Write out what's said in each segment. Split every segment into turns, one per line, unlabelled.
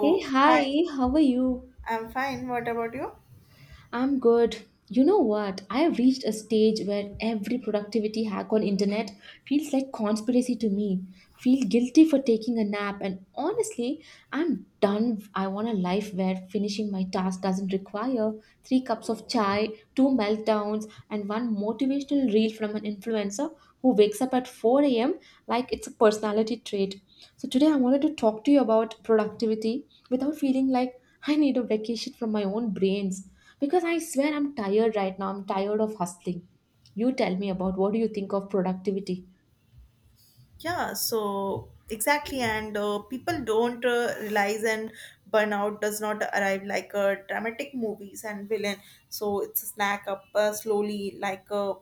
Hey,
hi,
hi, how are you?
I'm fine. What about you?
I'm good. You know what? I have reached a stage where every productivity hack on internet feels like conspiracy to me. Feel guilty for taking a nap and honestly, I'm done. I want a life where finishing my task doesn't require three cups of chai, two meltdowns, and one motivational reel from an influencer who wakes up at 4 a.m like it's a personality trait. So today I wanted to talk to you about productivity without feeling like I need a vacation from my own brains, because I swear I'm tired right now. I'm tired of hustling. You tell me, about what do you think of productivity?
Yeah, so exactly. And people don't realize and burnout does not arrive like a dramatic movies and villain. So, it's a snack up slowly like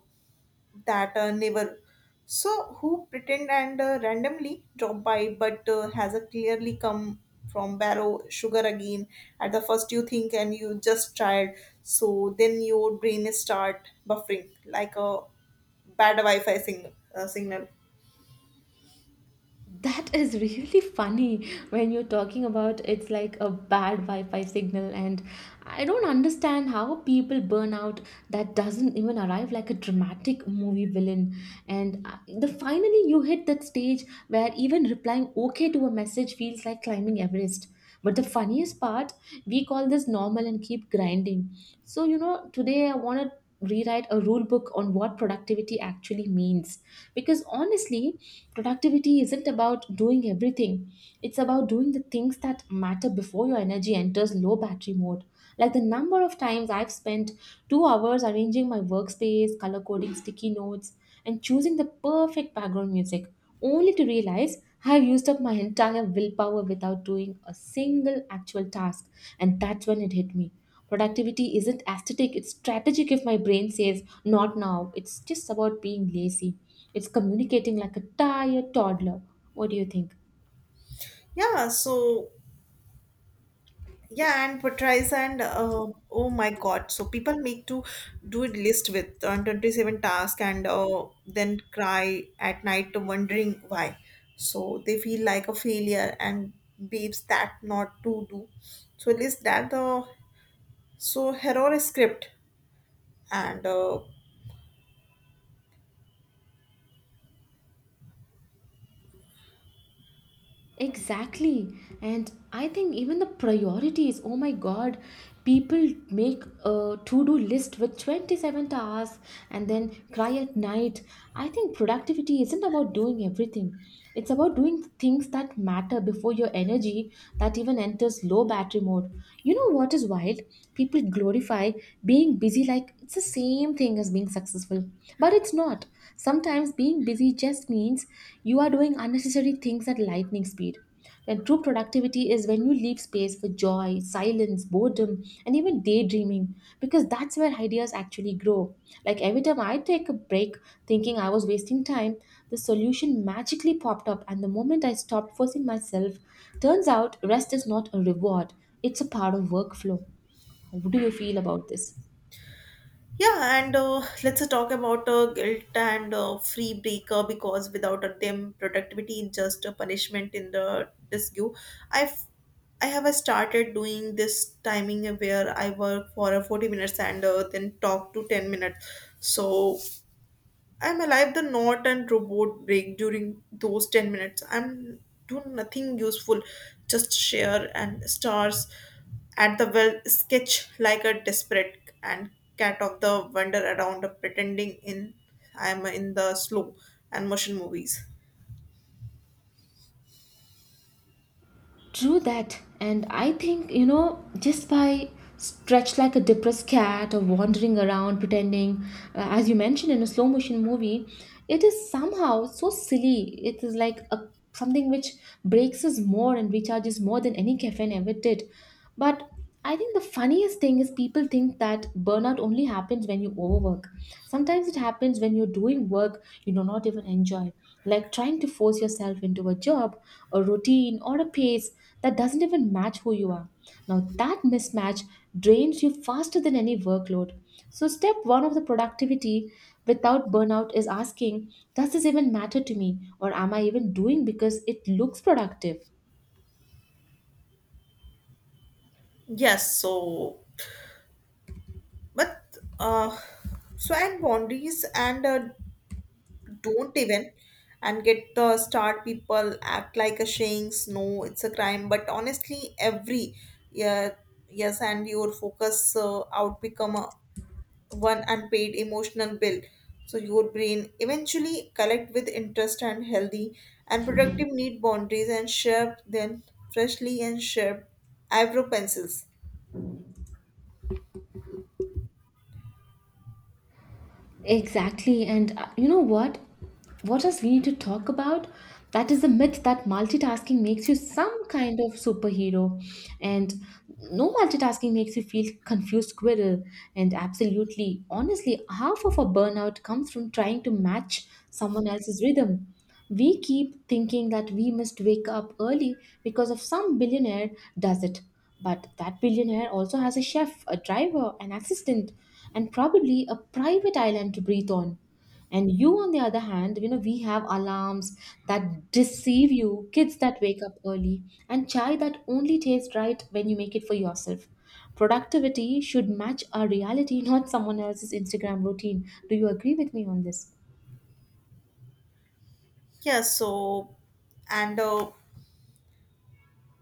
that never. So, who pretend and randomly drop by but has a clearly come from barrow sugar again at the first you think and you just tried so then your brain start buffering like a bad Wi-Fi signal.
That is really funny when you're talking about it's like a bad Wi-Fi signal, and I don't understand how people burn out that doesn't even arrive like a dramatic movie villain. And the finally you hit that stage where even replying okay to a message feels like climbing Everest. But the funniest part, we call this normal and keep grinding. So you know, today I want to rewrite a rule book on what productivity actually means, because honestly, productivity isn't about doing everything, it's about doing the things that matter before your energy enters low battery mode. Like the number of times I've spent 2 hours arranging my workspace, color coding sticky notes, and choosing the perfect background music, only to realize I've used up my entire willpower without doing a single actual task. And that's when it hit me. Productivity isn't aesthetic, it's strategic. If my brain says, not now, it's just about being lazy. It's communicating like a tired toddler. What do you think?
Yeah, so yeah, and portrays and oh my God, so people make to do a list with 27 tasks and then cry at night wondering why. So they feel like a failure and babes that not to do. So list that the so hero script and
Exactly. And I think even the priorities, oh my God, people make a to-do list with 27 tasks and then cry at night. I think productivity isn't about doing everything. It's about doing things that matter before your energy that even enters low battery mode. You know what is wild? People glorify being busy like it's the same thing as being successful. But it. It's not. Sometimes being busy just means you are doing unnecessary things at lightning speed. And true productivity is when you leave space for joy, silence, boredom, and even daydreaming, because that's where ideas actually grow. Like every time I take a break thinking I was wasting time, the solution magically popped up, and the moment I stopped forcing myself, turns out rest is not a reward, it's a part of workflow. How do you feel about this?
Yeah, and let's talk about guilt and free breaker because without them, productivity is just a punishment in the disque. I've I have started doing this timing where I work for 40 minutes and then talk to 10 minutes. So I'm alive the knot and robot break during those 10 minutes. I'm do nothing useful, just share and stars at the well sketch like a desperate and cat of the wander around pretending in I'm in the slow and motion movies.
True that. And I think, you know, just by stretched like a depressed cat or wandering around pretending, as you mentioned, in a slow motion movie, it is somehow so silly. It is like a something which breaks us more and recharges more than any caffeine ever did. But I think the funniest thing is people think that burnout only happens when you overwork. Sometimes it happens when you're doing work you do not even enjoy, like trying to force yourself into a job, a routine, or a pace that doesn't even match who you are. Now, that mismatch drains you faster than any workload. So, step one of the productivity without burnout is asking, does this even matter to me? Or am I even doing because it looks productive?
Yes, so but so and boundaries and don't even and get the start people act like a shanks no it's a crime but honestly every yeah yes and your focus out become a one unpaid emotional bill so your brain eventually collect with interest and healthy and productive need boundaries and sharp then freshly and sharp eyebrow pencils
Exactly. And you know what? What else we need to talk about? That is the myth that multitasking makes you some kind of superhero. And no, multitasking makes you feel confused squirrel. And absolutely, honestly, half of our burnout comes from trying to match someone else's rhythm. We keep thinking that we must wake up early because of some billionaire does it. But that billionaire also has a chef, a driver, an assistant, and probably a private island to breathe on. And you, on the other hand, you know, we have alarms that deceive you, kids that wake up early, and chai that only tastes right when you make it for yourself. Productivity should match our reality, not someone else's Instagram routine. Do you agree with me on this?
yeah so and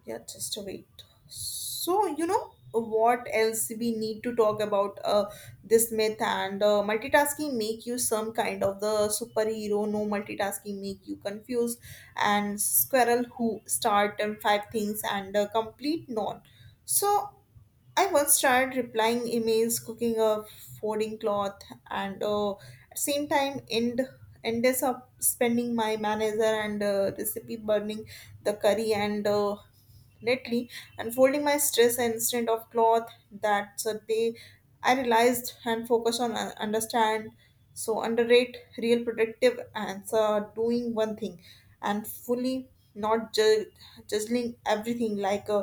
Yeah, just wait. So, you know what else we need to talk about this myth and multitasking make you some kind of the superhero no multitasking make you confused and squirrel who start and five things and complete none so I once tried replying emails, cooking a folding cloth, and at same time ends up spending my manager and recipe burning the curry and lately unfolding my stress instead of cloth. That's a day I realized and focus on understand. So underrate real productive answer doing one thing and fully not juggling everything like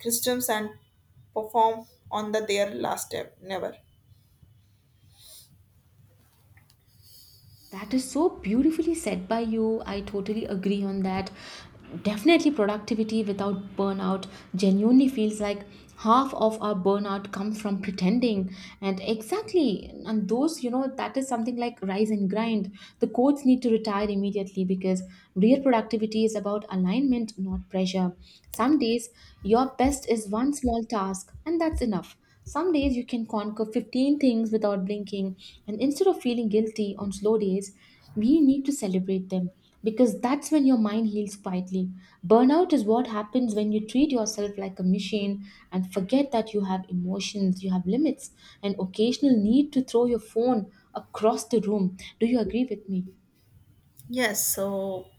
systems and perform on the their last step never
That is so beautifully said by you. I totally agree on that. Definitely, productivity without burnout genuinely feels like half of our burnout comes from pretending. And exactly, and those, you know, that is something like rise and grind. The codes need to retire immediately because real productivity is about alignment, not pressure. Some days, your best is one small task, and that's enough. Some days you can conquer 15 things without blinking, and instead of feeling guilty on slow days, we need to celebrate them because that's when your mind heals quietly. Burnout is what happens when you treat yourself like a machine and forget that you have emotions, you have limits, and occasional need to throw your phone across the room. Do you agree with me?
Yes, so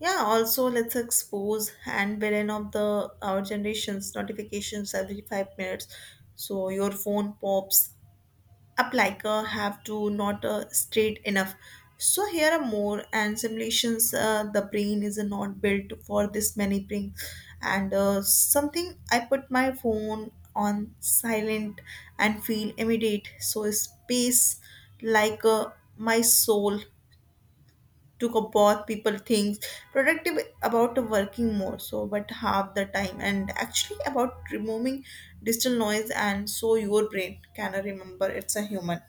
yeah, also let's expose and wherein of the our generation's notifications every 5 minutes. So your phone pops up like a have to not straight enough so here are more and simulations the brain is not built for this many things and something I put my phone on silent and feel immediate so a space like my soul took a bath people think productive about working more so but half the time and actually about removing digital noise and so your brain can remember it's a human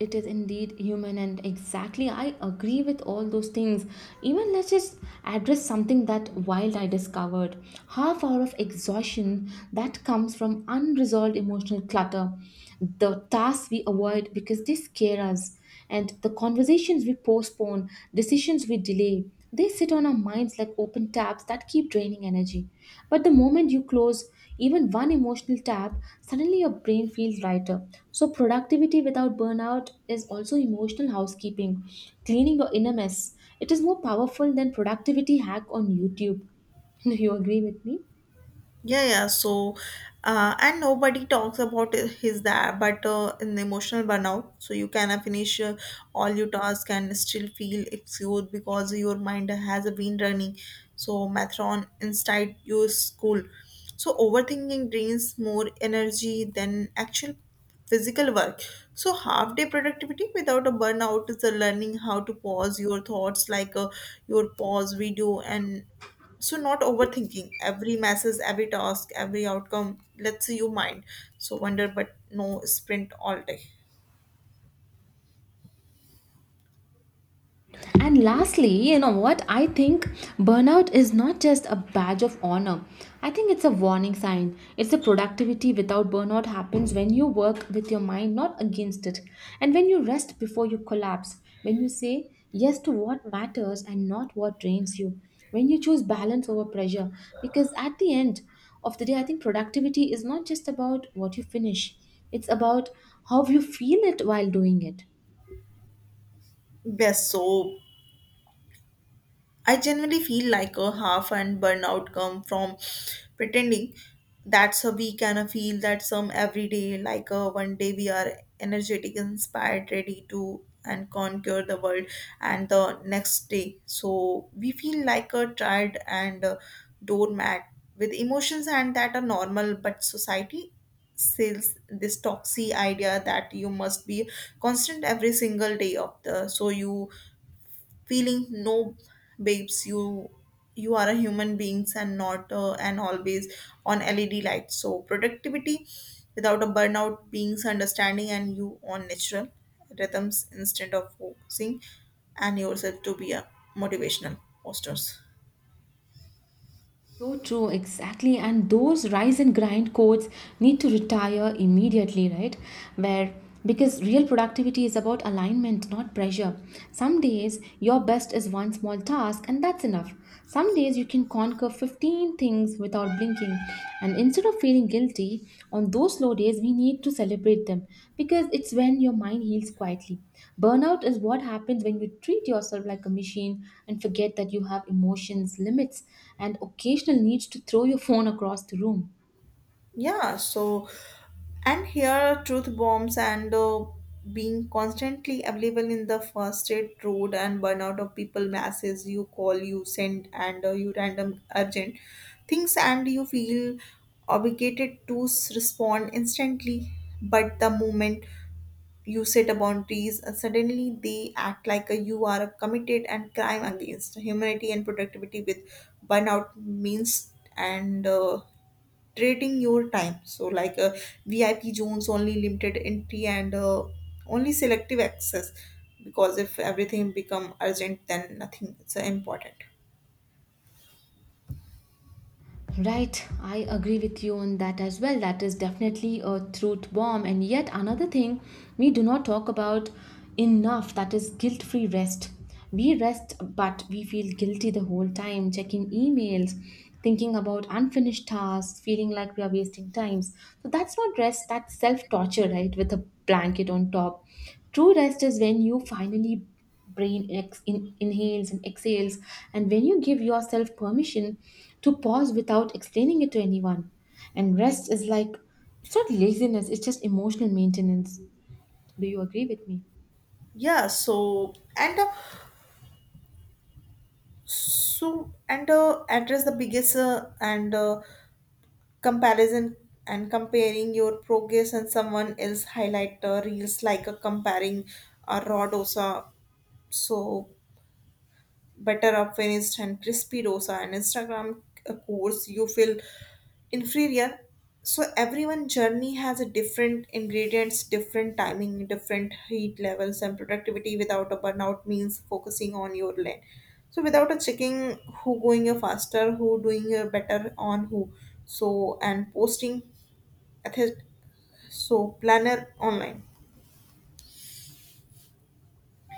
It is indeed human, and exactly, I agree with all those things. Even let's just address something that wild I discovered. Half hour of exhaustion that comes from unresolved emotional clutter, the tasks we avoid because they scare us, and the conversations we postpone, decisions we delay, they sit on our minds like open tabs that keep draining energy. But the moment you close even one emotional tab, suddenly your brain feels lighter. So, productivity without burnout is also emotional housekeeping, cleaning your inner mess. It is more powerful than productivity hack on YouTube. Do you agree with me?
Yeah, yeah. So, and nobody talks about his that, but in emotional burnout, so you cannot finish all your task and still feel exhausted because your mind has been running. So, marathon inside your school. So, overthinking drains more energy than actual physical work. So, half day productivity without a burnout is a learning how to pause your thoughts like your pause video and so not overthinking every message every task every outcome. Let's say you mind so wonder but no sprint all day
And lastly, you know what? I think burnout is not just a badge of honor. I think it's a warning sign. It's a productivity without burnout happens when you work with your mind, not against it. And when you rest before you collapse, when you say yes to what matters and not what drains you, when you choose balance over pressure. Because at the end of the day, I think productivity is not just about what you finish, it's about how you feel it while doing it.
best so I generally feel like a half and burnout come from pretending that's a week and I feel that some every day like a one day we are energetic, inspired, ready to and conquer the world and the next day. So we feel like a tired and a doormat with emotions and that are normal but society sells this toxic idea that you must be constant every single day of the so you feeling no babes you are a human beings and not an always on led light so productivity without a burnout beings understanding and you on natural rhythms instead of focusing and yourself to be a motivational posters
So true, exactly. And those rise and grind codes need to retire immediately, right? Where, because real productivity is about alignment, not pressure. Some days your best is one small task, and that's enough. Some days you can conquer 15 things without blinking. And instead of feeling guilty on those slow days, we need to celebrate them because it's when your mind heals quietly. Burnout is what happens when you treat yourself like a machine and forget that you have emotions, limits, and occasional needs to throw your phone across the room.
Yeah, so and here truth bombs and being constantly available in the first aid road and burnout of people masses you call you send and you random urgent things and you feel obligated to respond instantly but the moment you set a boundaries suddenly they act like a, you are a committed and crime against humanity and productivity with burnout means and trading your time. So like VIP zones only limited entry and only selective access because if everything become urgent then nothing is important.
Right, I agree with you on that as well. That is definitely a truth bomb. And yet, another thing we do not talk about enough, that is guilt free rest. We rest, but we feel guilty the whole time, checking emails, thinking about unfinished tasks, feeling like we are wasting times. So, that's not rest, that's self torture, right? With a blanket on top. True rest is when you finally brain inhales and exhales, and when you give yourself permission to pause without explaining it to anyone. And rest is like, it's not laziness, it's just emotional maintenance. Do you agree with me?
Yeah, so and so and address the biggest and comparison and comparing your progress and someone else highlight reels like comparing a rod osa so better up finished and crispy dosa and Instagram course you feel inferior. So everyone journey has a different ingredients, different timing, different heat levels and productivity without a burnout means focusing on your lane. So without a checking who going a faster, who doing a better on who. So and posting ethic so planner online.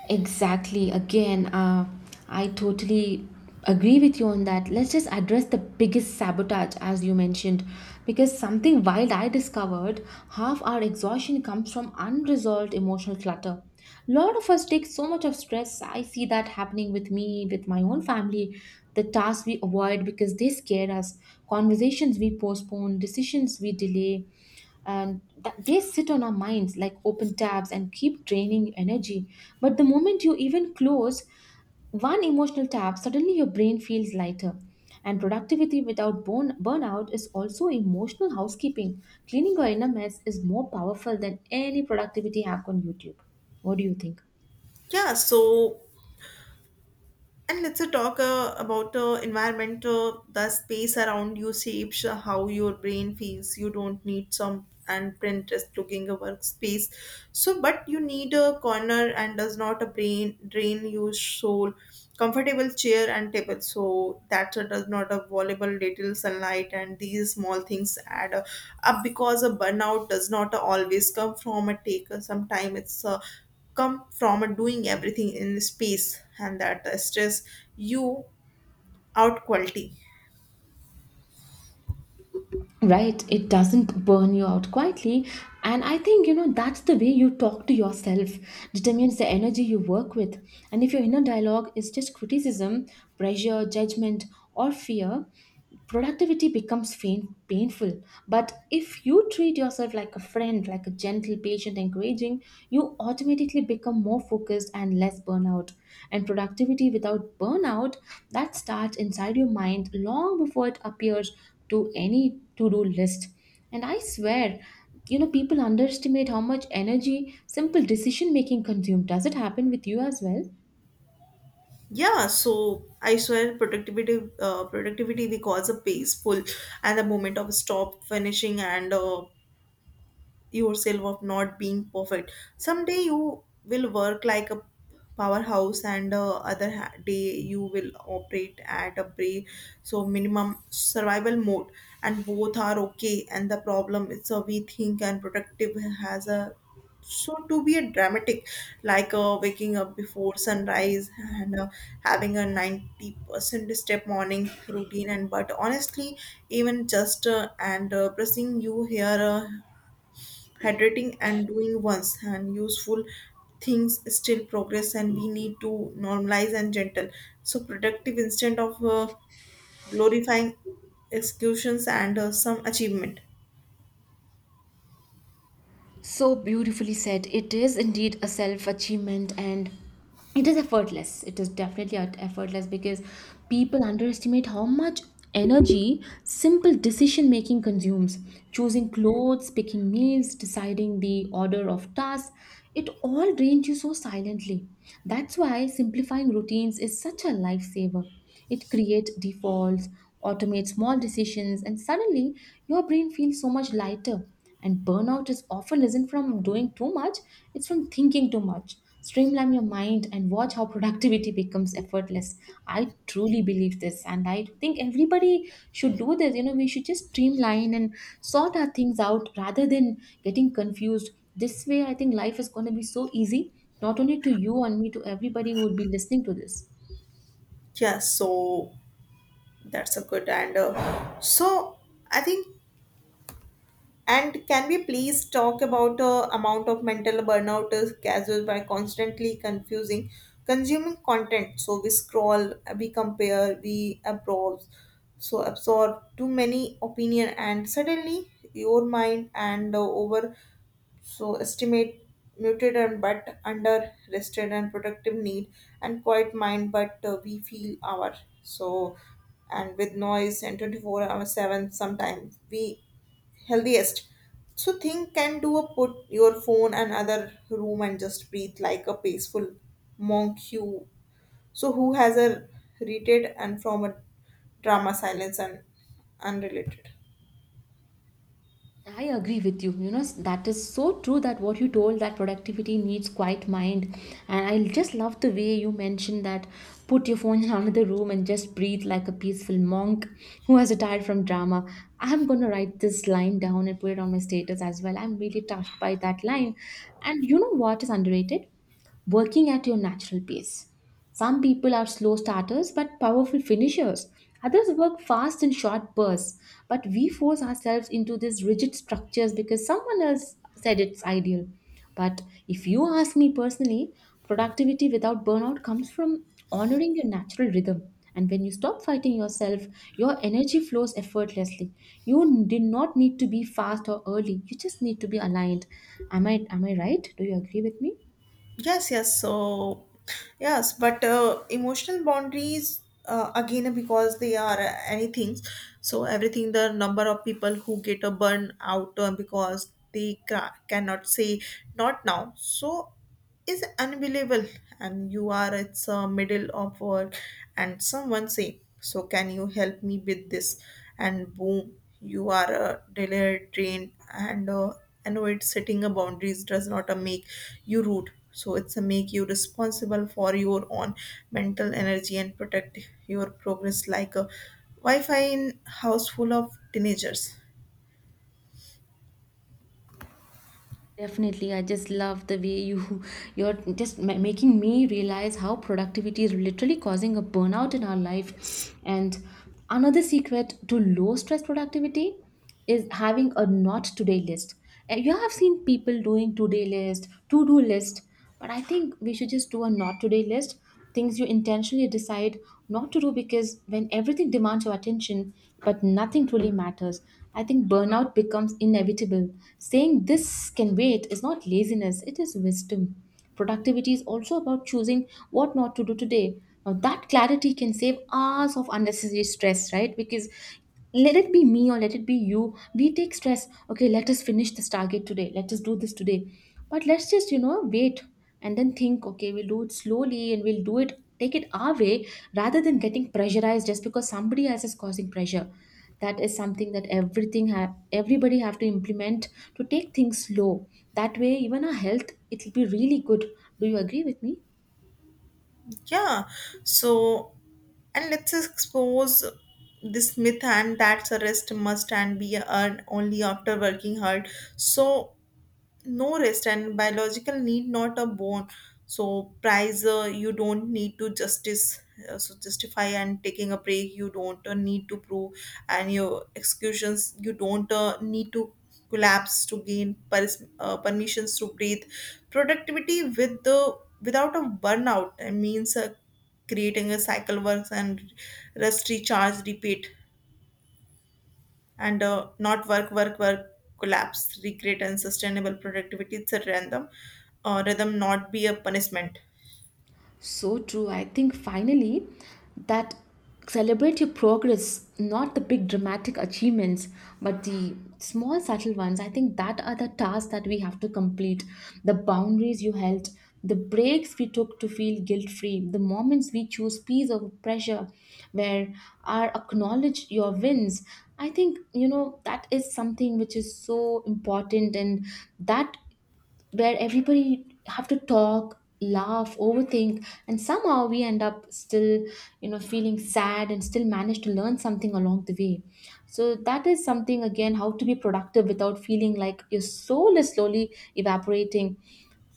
Exactly. Again, I totally agree with you on that. Let's just address the biggest sabotage, as you mentioned, because something wild I discovered, half our exhaustion comes from unresolved emotional clutter. A lot of us take so much of stress. I see that happening with me, with my own family. The tasks we avoid because they scare us, conversations we postpone, decisions we delay, and they sit on our minds like open tabs and keep draining energy. But the moment you even close one emotional tap, suddenly your brain feels lighter. And productivity without burnout is also emotional housekeeping. Cleaning your inner mess is more powerful than any productivity hack on YouTube. What do you think?
Yeah, so and let's talk about environment. The space around you shapes how your brain feels. You don't need some and Pinterest looking a workspace. So, but you need a corner and does not a brain drain your soul. Comfortable chair and table. So that does not a volleyball little sunlight and these small things add up because a burnout does not always come from a taker. Sometimes it's come from a doing everything in space and that stress you out quality
Right, it doesn't burn you out quietly. And I think, you know, that's the way you talk to yourself determines the energy you work with. And if your inner dialogue is just criticism, pressure, judgment, or fear, productivity becomes painful. But if you treat yourself like a friend, like a gentle, patient, encouraging, you automatically become more focused and less burnout. And productivity without burnout, that starts inside your mind long before it appears to any to-do list. And I swear, you know, people underestimate how much energy simple decision making consumes. Does it happen with you as well?
yeah so I swear productivity because a peaceful and the moment of stop finishing and yourself of not being perfect someday you will work like a powerhouse and other day you will operate at a break so minimum survival mode and both are okay and the problem is so we think and productive has a so to be a dramatic like waking up before sunrise and having a 90% step morning routine and but honestly even just and pressing you here hydrating and doing once and useful things still progress and we need to normalize and gentle so productive instead of glorifying executions and some achievement
So beautifully said. It is indeed a self achievement, and it is effortless. It is definitely effortless because people underestimate how much energy simple decision making consumes. Choosing clothes, picking meals, deciding the order of tasks, it all drains you so silently. That's why simplifying routines is such a lifesaver. It creates defaults, automates small decisions, and suddenly your brain feels so much lighter. And burnout is often isn't from doing too much, it's from thinking too much. Streamline your mind and watch how productivity becomes effortless. I truly believe this, and I think everybody should do this. You know, we should just streamline and sort our things out rather than getting confused. This way, I think life is going to be so easy, not only to you and me, to everybody who will be listening to this.
yeah so that's a good and so I think and can we please talk about amount of mental burnout is caused by constantly confusing consuming content? So we scroll, we compare, we absorb, so absorb too many opinion, and suddenly your mind and over so estimate muted and but under rested and productive need and quiet mind but we feel our so and with noise and 24 hour 7 sometimes we healthiest so think can do a put your phone and other room and just breathe like a peaceful monk you so who has a retreat and from a drama silence and unrelated
I agree with you. You know, that is so true that what you told, that productivity needs quiet mind. And I just love the way you mentioned that put your phone in another room and just breathe like a peaceful monk who has retired from drama. I'm going to write this line down and put it on my status as well. I'm really touched by that line. And you know what is underrated? Working at your natural pace. Some people are slow starters but powerful finishers. Others work fast in short bursts, but we force ourselves into these rigid structures because someone else said it's ideal. But if you ask me personally, productivity without burnout comes from honoring your natural rhythm. And when you stop fighting yourself, your energy flows effortlessly. You did not need to be fast or early. You just need to be aligned. Am I right? Do you agree with me?
Yes, yes. So, yes, but emotional boundaries again because they are anything. So everything the number of people who get a burn out because they cannot say not now. So is unbelievable, and you are it's middle of work, and someone say so can you help me with this, and boom you are delayed, drained, and I know it's setting a boundaries does not a make you rude. So it's a make you responsible for your own mental energy and protect your progress like a Wi-Fi in house full of teenagers.
Definitely, I just love the way you you're just making me realize how productivity is literally causing a burnout in our life.
Yes.
And another secret to low stress productivity is having a not today list. And you have seen people doing today list, to do list, but I think we should just do a not today list, things you intentionally decide not to do, because when everything demands your attention but nothing truly matters, I think burnout becomes inevitable. Saying this can wait is not laziness, it is wisdom. Productivity is also about choosing what not to do today. Now, that clarity can save hours of unnecessary stress, right? Because let it be me or let it be you, we take stress, okay, let us finish this target today, let us do this today, but let's just, you know, wait and then think, okay, we'll do it slowly and we'll do it, take it our way, rather than getting pressurized just because somebody else is causing pressure. That is something that everything have, everybody have to implement, to take things slow. That way, even our health, it will be really good. Do you agree with me?
Yeah. So and let's expose this myth and that's a rest must and be earned only after working hard. So no rest and biological need not a bone so prize you don't need to justice justify and taking a break you don't need to prove and your excuses you don't need to collapse to gain permissions to breathe productivity with the without a burnout means creating a cycle works and rest recharge repeat and not work, work, work, collapse, recreate unsustainable productivity. It's a random rhythm, not be a punishment.
So true. I think finally that celebrate your progress, not the big dramatic achievements, but the small subtle ones. I think that are the tasks that we have to complete. The boundaries you held, the breaks we took to feel guilt free, the moments we choose peace over pressure, where our acknowledge your wins. I think, you know, that is something which is so important, and that where everybody have to talk, laugh, overthink, and somehow we end up still, you know, feeling sad and still manage to learn something along the way. So that is something again, how to be productive without feeling like your soul is slowly evaporating.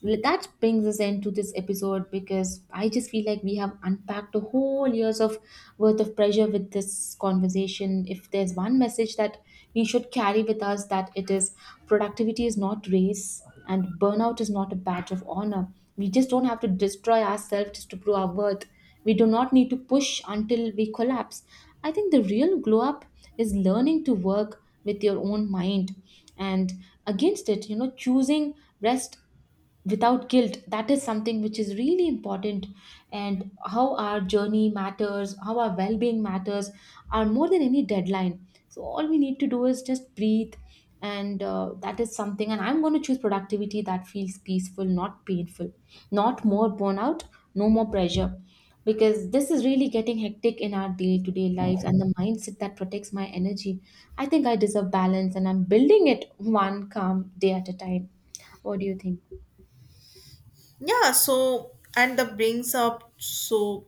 That brings us into this episode, because I just feel like we have unpacked a whole years of worth of pressure with this conversation. If there's one message that we should carry with us, that it is productivity is not race. And burnout is not a badge of honor. We just don't have to destroy ourselves just to prove our worth. We do not need to push until we collapse. I think the real glow up is learning to work with your own mind and against it, you know, choosing rest without guilt. That is something which is really important, and how our journey matters, how our well-being matters, are more than any deadline. So all we need to do is just breathe, and that is something. And I'm going to choose productivity that feels peaceful, not painful. Not more burnout, no more pressure, because this is really getting hectic in our day-to-day lives. And the mindset that protects my energy, I think I deserve balance, and I'm building it one calm day at a time. What do you think?
Yeah, so and that brings up so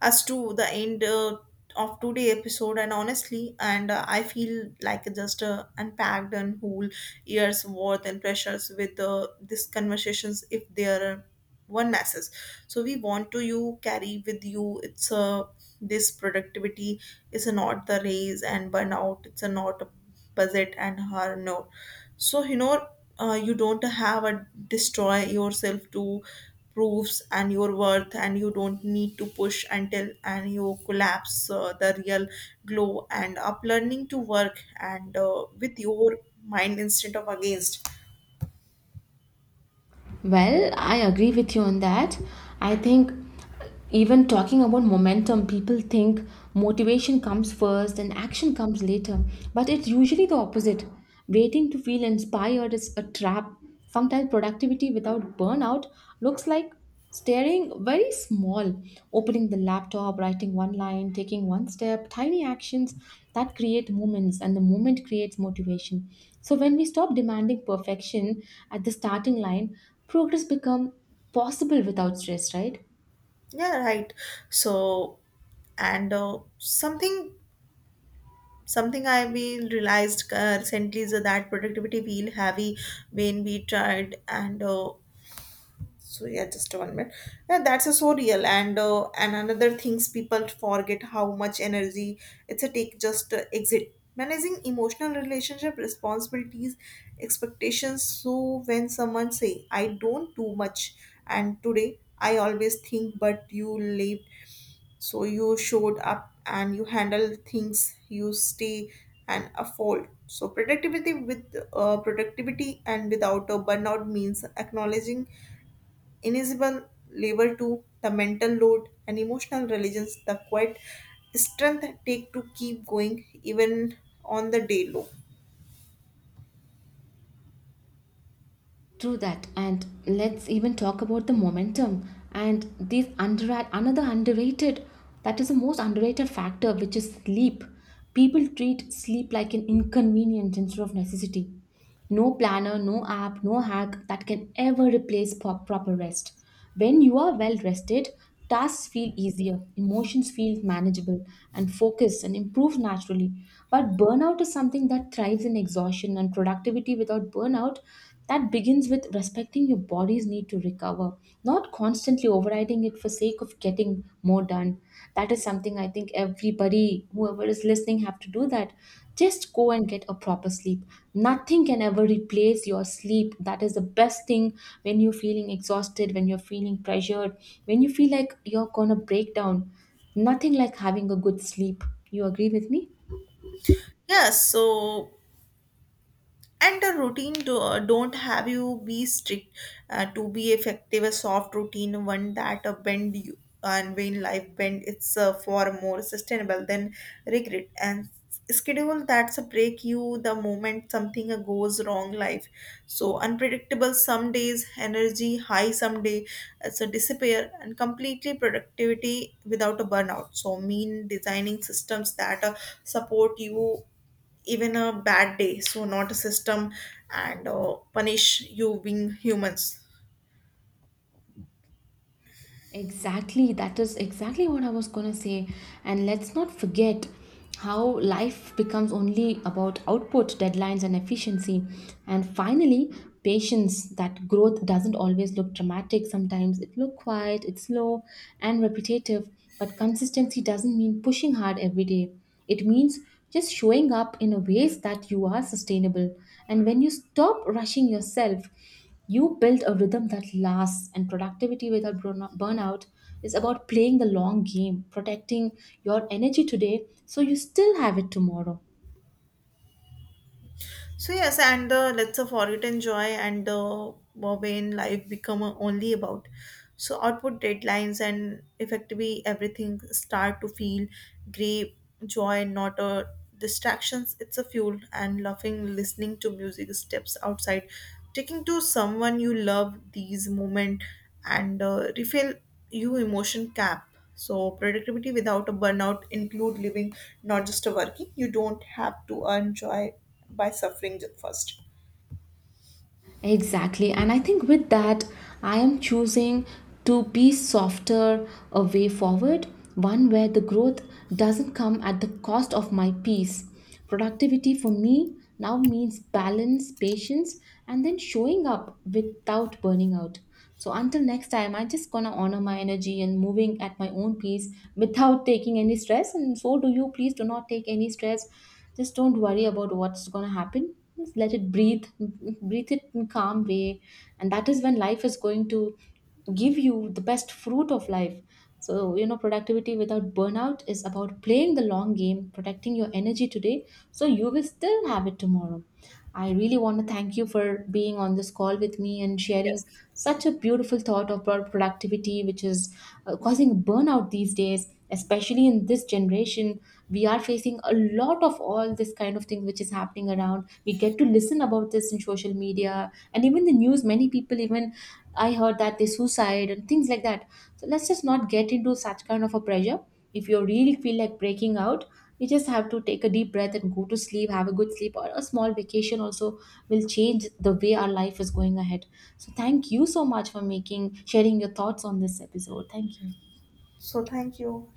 as to the end of today episode and honestly and I feel like just unpacked and whole years worth and pressures with these conversations if they are one masses so we want to you carry with you it's this productivity is not the raise and burnout it's a not a budget and her no so you know you don't have a destroy yourself to proofs and your worth and you don't need to push until and you collapse the real glow and up learning to work and with your mind instead of against
Well, I agree with you on that. I think even talking about momentum, people think motivation comes first and action comes later, but it's usually the opposite. Waiting to feel inspired is a trap. Sometimes productivity without burnout looks like staring very small, opening the laptop, writing one line, taking one step, tiny actions that create moments, and the moment creates motivation. So when we stop demanding perfection at the starting line, progress become possible without stress, right?
yeah right so and something I will realized recently is that productivity feel heavy when we tried and so yeah just one minute yeah that's a so real and another things people forget how much energy it's a take just exit managing emotional relationship responsibilities expectations so when someone say I don't do much and today I always think but you lived so you showed up and you handle things you stay and afford so productivity and without a burnout means acknowledging invisible labor to the mental load and emotional religions the quiet strength take to keep going even on the day low
True that, and let's even talk about the momentum and this under another underrated, that is the most underrated factor, which is sleep. People treat sleep like an inconvenience instead of necessity. No planner, no app, no hack that can ever replace proper rest. When you are well rested, tasks feel easier, emotions feel manageable, and focus and improve naturally. But burnout is something that thrives in exhaustion, and productivity without burnout that begins with respecting your body's need to recover, not constantly overriding it for sake of getting more done. And that is something I think everybody whoever is listening have to do that. Just go and get a proper sleep. Nothing can ever replace your sleep, that is the best thing. When you're feeling exhausted, when you're feeling pressured, when you feel like you're gonna break down, nothing like having a good sleep. You agree with me?
yes so and a routine don't have you be strict to be effective a soft routine one that bend you and when life bend it's for more sustainable than regret and schedule that's a break you the moment something goes wrong life so unpredictable some days energy high some day so disappear and completely productivity without a burnout so mean designing systems that support you even a bad day so not a system and punish you being humans
Exactly, that is exactly what I was gonna say. And let's not forget how life becomes only about output, deadlines, and efficiency. And finally, patience that growth doesn't always look dramatic. Sometimes it looks quiet, it's slow, and repetitive. But consistency doesn't mean pushing hard every day. It means just showing up in a ways that you are sustainable. And when you stop rushing yourself, you build a rhythm that lasts, and productivity without burnout is about playing the long game, protecting your energy today so you still have it tomorrow.
So yes, and the let's of for enjoy and the Bobane life become only about so output deadlines and effectively everything start to feel great joy, not a distractions. It's a fuel and laughing, listening to music, steps outside, taking to someone you love these moment and refill you emotion cap. So productivity without a burnout include living, not just a working. You don't have to earn joy by suffering first.
Exactly. And I think with that, I am choosing to be softer a way forward, one where the growth doesn't come at the cost of my peace. Productivity for me now means balance, patience, and then showing up without burning out. So until next time, I just gonna honor my energy and moving at my own pace without taking any stress. And so do you. Please do not take any stress. Just don't worry about what's gonna happen. Just let it breathe, breathe it in calm way, and that is when life is going to give you the best fruit of life. So, you know, productivity without burnout is about playing the long game, protecting your energy today, so you will still have it tomorrow. I really want to thank you for being on this call with me and sharing
Yes.
such a beautiful thought of productivity, which is causing burnout these days, especially in this generation. We are facing a lot of all this kind of thing which is happening around. We get to listen about this in social media and even the news. Many people, even I heard that they suicide and things like that. So let's just not get into such kind of a pressure. If you really feel like breaking out, you just have to take a deep breath and go to sleep, have a good sleep, or a small vacation also will change the way our life is going ahead. So thank you so much for making sharing your thoughts on this episode. Thank you.
So thank you.